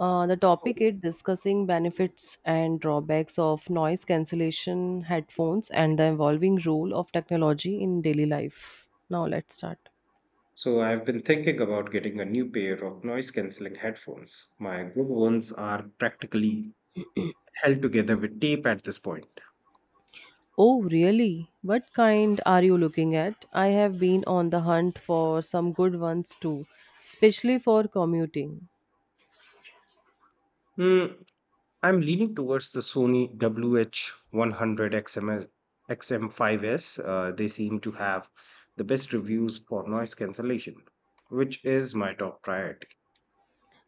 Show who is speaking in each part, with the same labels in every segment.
Speaker 1: The topic is discussing benefits and drawbacks of noise cancellation headphones and the evolving role of technology in daily life. Now let's start.
Speaker 2: So I've been thinking about getting a new pair of noise cancelling headphones. My good ones are practically held together with tape at this point.
Speaker 1: Oh, really? What kind are you looking at? I have been on the hunt for some good ones too, especially for commuting.
Speaker 2: Mm, I'm leaning towards the Sony WH100 XMS, XM5S. They seem to have the best reviews for noise cancellation, which is my top priority.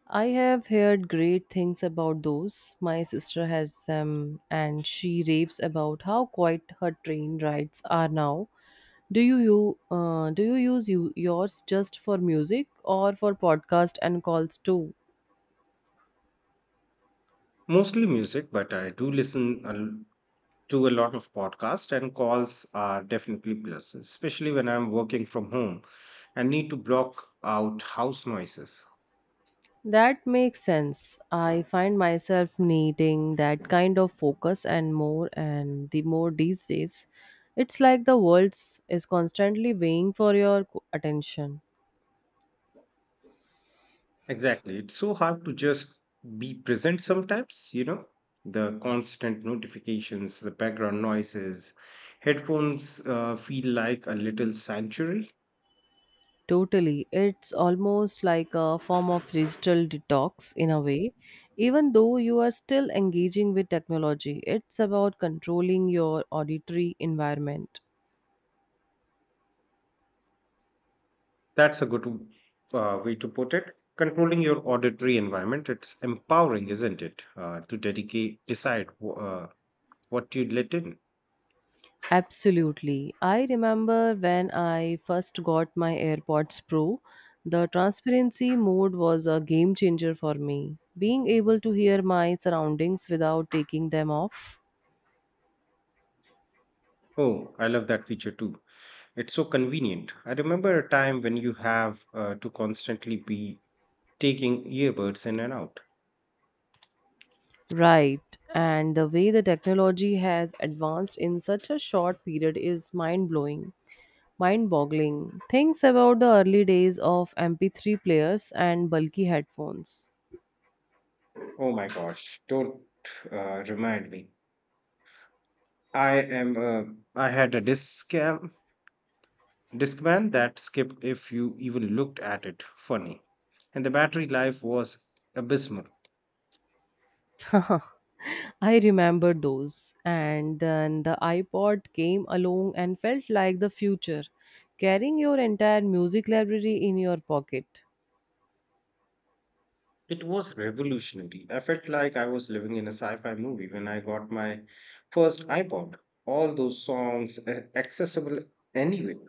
Speaker 1: I have heard great things about those. My sister has them and she raves about how quiet her train rides are now. Do you, do you use yours just for music or for podcast and calls too?
Speaker 2: Mostly music, but I do listen to a lot of podcasts and calls are definitely plus, especially when I'm working from home and need to block out house noises.
Speaker 1: That makes sense. I find myself needing that kind of focus and more and the more these days. It's like the world is constantly weighing for your co- attention.
Speaker 2: Exactly. It's so hard to just be present sometimes, you know, the constant notifications, the background noises. Headphones feel like a little sanctuary.
Speaker 1: Totally. It's almost like a form of digital detox in a way. Even though you are still engaging with technology, it's about controlling your auditory environment.
Speaker 2: That's a good way to put it. Controlling your auditory environment, it's empowering, isn't it? To decide what you let in.
Speaker 1: Absolutely. I remember when I first got my AirPods Pro, the transparency mode was a game changer for me. Being able to hear my surroundings without taking them off.
Speaker 2: Oh, I love that feature too. It's so convenient. I remember a time when you have to constantly be taking earbuds in and out.
Speaker 1: Right. And the way the technology has advanced in such a short period is mind blowing, mind boggling. Things about the early days of MP3 players and bulky headphones.
Speaker 2: Oh my gosh, don't remind me. I am uh, I had a discam discman that skipped if you even looked at it. Funny. And the battery life was abysmal.
Speaker 1: I remember those. And then the iPod came along and felt like the future, carrying your entire music library in your pocket.
Speaker 2: It was revolutionary. I felt like I was living in a sci fi movie when I got my first iPod. All those songs accessible anyway.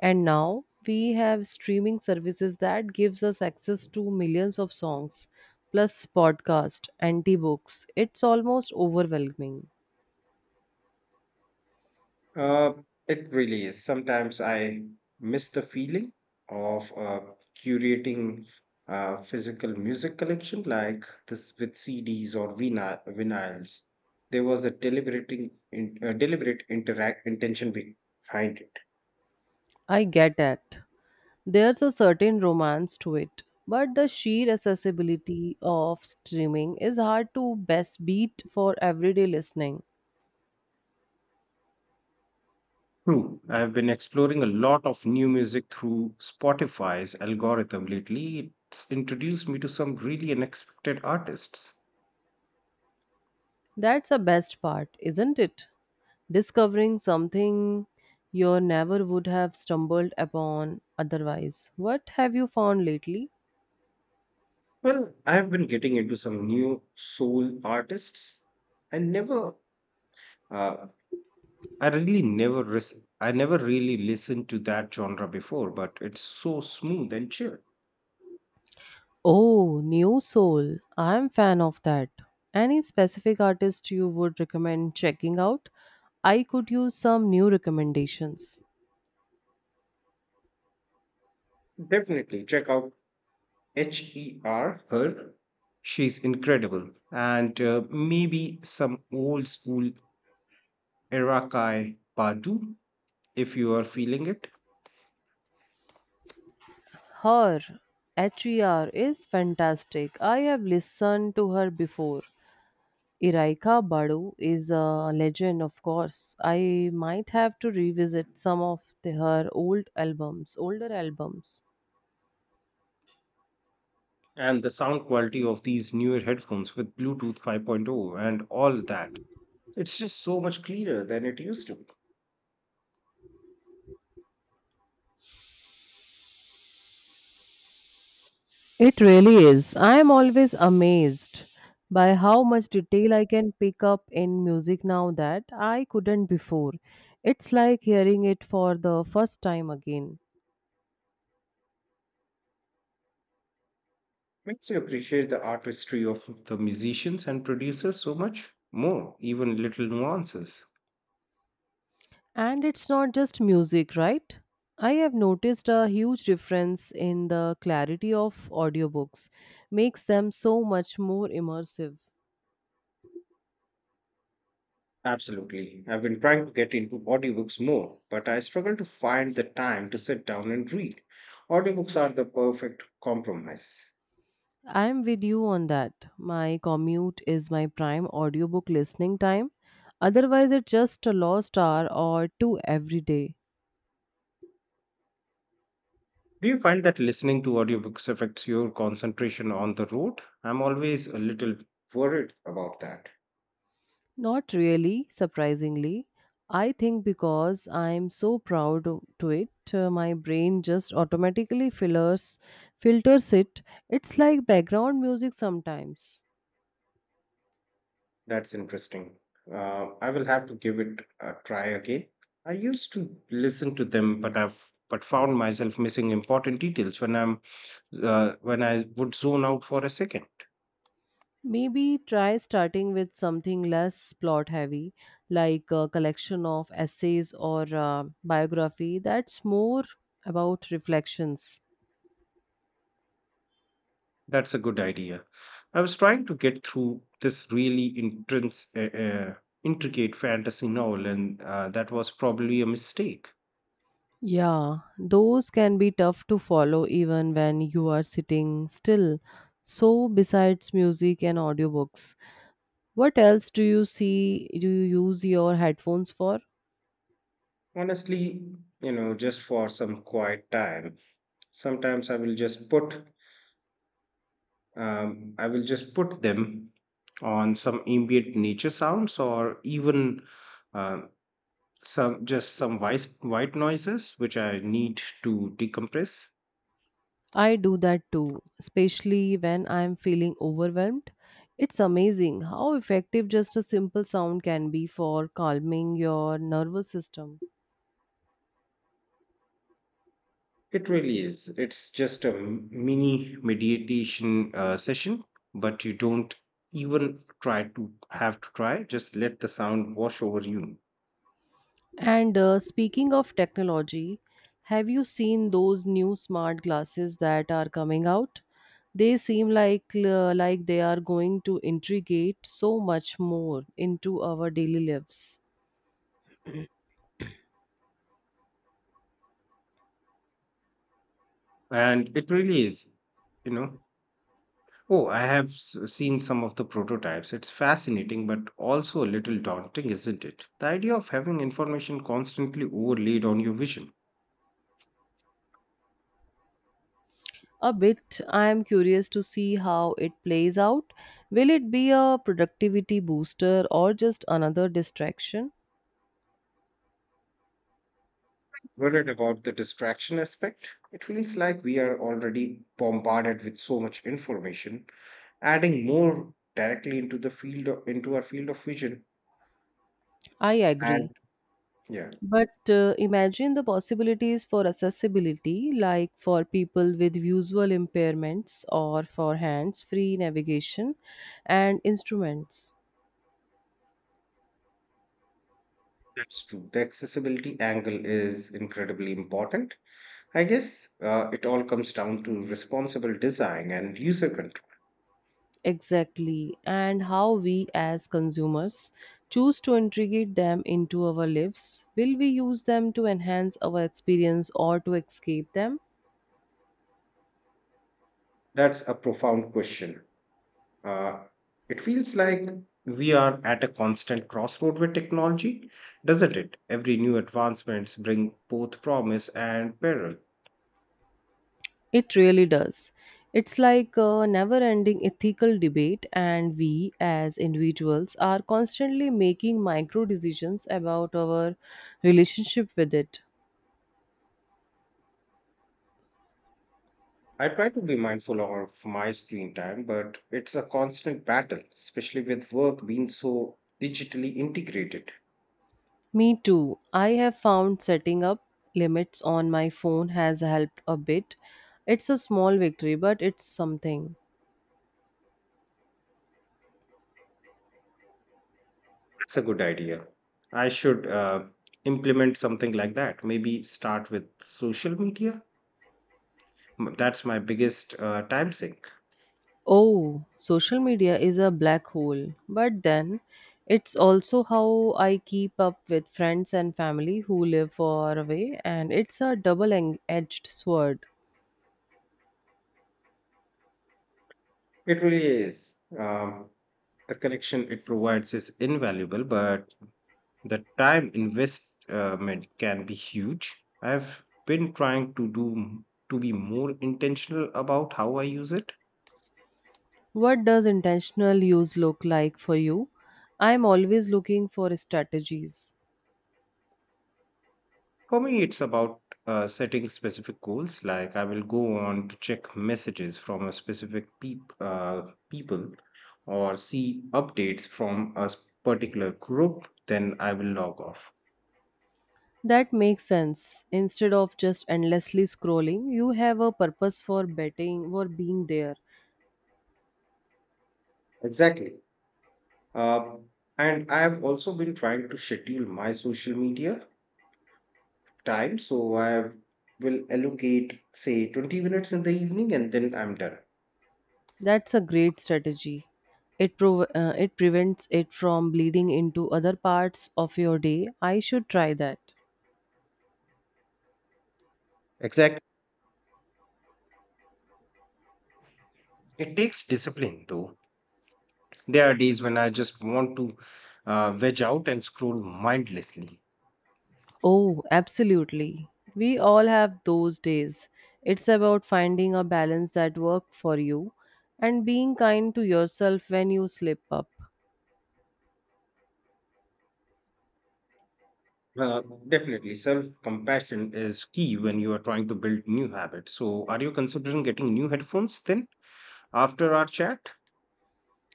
Speaker 1: And now we have streaming services that gives us access to millions of songs, plus podcast, anti-books. It's almost overwhelming.
Speaker 2: Uh, it really is. Sometimes I miss the feeling of curating a physical music collection like this with CDs or vinyls. There was a deliberate interact intention behind it.
Speaker 1: I get it. There's a certain romance to it, but the sheer accessibility of streaming is hard to best beat for everyday listening.
Speaker 2: True. I have been exploring a lot of new music through Spotify's algorithm lately. It's introduced me to some really unexpected artists.
Speaker 1: That's the best part, isn't it? Discovering something you never would have stumbled upon otherwise. What have you found lately?
Speaker 2: Well, I have been getting into some new soul artists. I never, uh, I never really listened to that genre before, but it's so smooth and chill.
Speaker 1: Oh, New Soul. I'm fan of that. Any specific artist you would recommend checking out? I could use some new recommendations.
Speaker 2: Definitely check out her. She's incredible. And maybe some old school Erakai Badu if you are feeling it.
Speaker 1: Her HER is fantastic. I have listened to her before. Iraika Badu is a legend, of course. I might have to revisit some of her older albums.
Speaker 2: And the sound quality of these newer headphones with Bluetooth 5.0 and all that. It's just so much cleaner than it used to.
Speaker 1: It really is. I am always amazed by how much detail I can pick up in music now that I couldn't before. It's like hearing it for the first time again.
Speaker 2: Makes you appreciate the artistry of the musicians and producers so much more, even little nuances.
Speaker 1: And it's not just music, right? I have noticed a huge difference in the clarity of audiobooks. Makes them so much more immersive.
Speaker 2: Absolutely. I've been trying to get into audiobooks more, but I struggle to find the time to sit down and read. Audiobooks are the perfect compromise.
Speaker 1: I'm with you on that. My commute is my prime audiobook listening time. Otherwise, it's just a lost hour or two every day.
Speaker 2: Do you find that listening to audiobooks affects your concentration on the road? I'm always a little worried about that.
Speaker 1: Not really, surprisingly. I think because I'm so proud o- to it, my brain just automatically filters it. It's like background music sometimes.
Speaker 2: That's interesting. I will have to give it a try again. I used to listen to them, but I've but found myself missing important details when I would zone out for a second.
Speaker 1: Maybe try starting with something less plot heavy, like a collection of essays or biography that's more about reflections.
Speaker 2: That's a good idea. I was trying to get through this really intense, intricate fantasy novel, and that was probably a mistake.
Speaker 1: Yeah, those can be tough to follow even when you are sitting still. So, besides music and audiobooks, what else do you use your headphones for?
Speaker 2: Honestly, you know, just for some quiet time, sometimes I will just put I will just put them on some ambient nature sounds or even uh, some just some white noises which I need to decompress.
Speaker 1: I do that too, especially when I'm feeling overwhelmed. It's amazing how effective just a simple sound can be for calming your nervous system.
Speaker 2: It really is. It's just a mini meditation session, but you don't even try to have to try. Just let the sound wash over you,
Speaker 1: And speaking of technology, have you seen those new smart glasses that are coming out? They seem like they are going to integrate so much more into our daily lives.
Speaker 2: and it really is. You know, oh, I have seen some of the prototypes. It's fascinating, but also a little daunting, isn't it? The idea of having information constantly overlaid on your vision.
Speaker 1: A bit. I am curious to see how it plays out. Will it be a productivity booster or just another distraction?
Speaker 2: Worried about the distraction aspect? It feels like we are already bombarded with so much information. Adding more directly into the field of, into our field of vision,
Speaker 1: I agree.
Speaker 2: and yeah,
Speaker 1: But imagine the possibilities for accessibility, like for people with visual impairments or for hands free navigation and instruments.
Speaker 2: that's true. The accessibility angle is incredibly important. I guess it all comes down to responsible design and user control.
Speaker 1: Exactly, and how we as consumers choose to integrate them into our lives. Will we use them to enhance our experience or to escape them?
Speaker 2: That's a profound question. Uh, it feels like we are at a constant crossroad with technology, doesn't it? Every new advancements bring both promise and peril.
Speaker 1: It really does. It's like a never ending ethical debate, and we as individuals are constantly making micro decisions about our relationship with it.
Speaker 2: I try to be mindful of my screen time, but it's a constant battle, especially with work being so digitally integrated.
Speaker 1: Me too. I have found setting up limits on my phone has helped a bit. It's a small victory, but it's something.
Speaker 2: That's a good idea. I should implement something like that. Maybe start with social media. That's my biggest time sink.
Speaker 1: Oh, social media is a black hole. But then, it's also how I keep up with friends and family who live far away, and it's a double edged sword.
Speaker 2: It really is. The connection it provides is invaluable, but the time investment can be huge. I've been trying to be more intentional about how I use it.
Speaker 1: What does intentional use look like for you? I'm always looking for strategies.
Speaker 2: For me, it's about setting specific goals. Like I will go on to check messages from a specific people or see updates from a particular group. Then I will log off.
Speaker 1: That makes sense. Instead of just endlessly scrolling, you have a purpose for betting for being there.
Speaker 2: Exactly. Uh, and I have also been trying to schedule my social media time. So I will allocate, say, 20 minutes in the evening and then I'm done.
Speaker 1: That's a great strategy. It prevents it from bleeding into other parts of your day. I should try that.
Speaker 2: Exactly. It takes discipline, though. There are days when I just want to veg out and scroll mindlessly.
Speaker 1: Oh, absolutely. We all have those days. It's about finding a balance that works for you and being kind to yourself when you slip up.
Speaker 2: Uh, definitely, self compassion is key when you are trying to build new habits. So, are you considering getting new headphones then after our chat?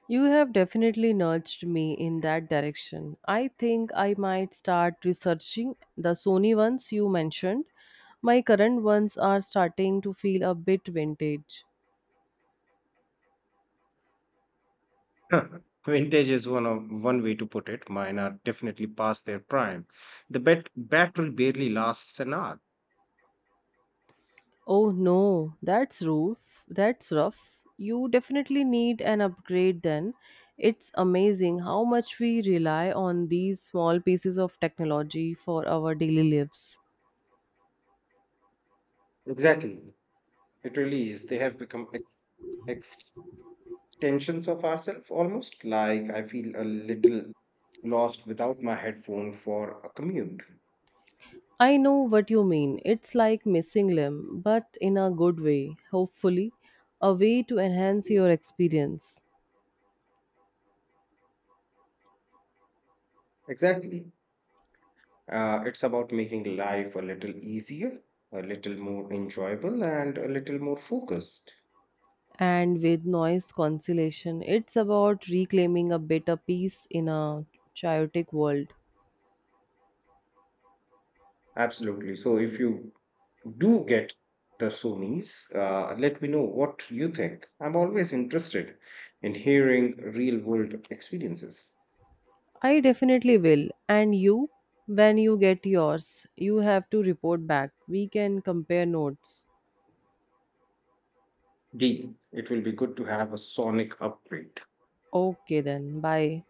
Speaker 1: You have definitely nudged me in that direction. I think I might start researching the Sony ones you mentioned. My current ones are starting to feel a bit vintage.
Speaker 2: Huh. Vintage is one way to put it. Mine are definitely past their prime. The battery barely lasts an hour.
Speaker 1: Oh no, that's rough. That's rough. You definitely need an upgrade then. It's amazing how much we rely on these small pieces of technology for our daily lives.
Speaker 2: Exactly. It really is. They have become ex- extensions of ourselves almost. Like I feel a little lost without my headphone for a commute.
Speaker 1: I know what you mean. It's like missing limb, but in a good way, hopefully, a way to enhance your experience.
Speaker 2: Exactly. It's about making life a little easier, a little more enjoyable, and a little more focused.
Speaker 1: And with noise cancellation, it's about reclaiming a bit of peace in a chaotic world.
Speaker 2: Absolutely. So if you do get the Sonis, let me know what you think. I'm always interested in hearing real world experiences.
Speaker 1: I definitely will. And you, when you get yours, you have to report back. We can compare notes.
Speaker 2: Deal. It will be good to have a sonic upgrade.
Speaker 1: Okay then. Bye.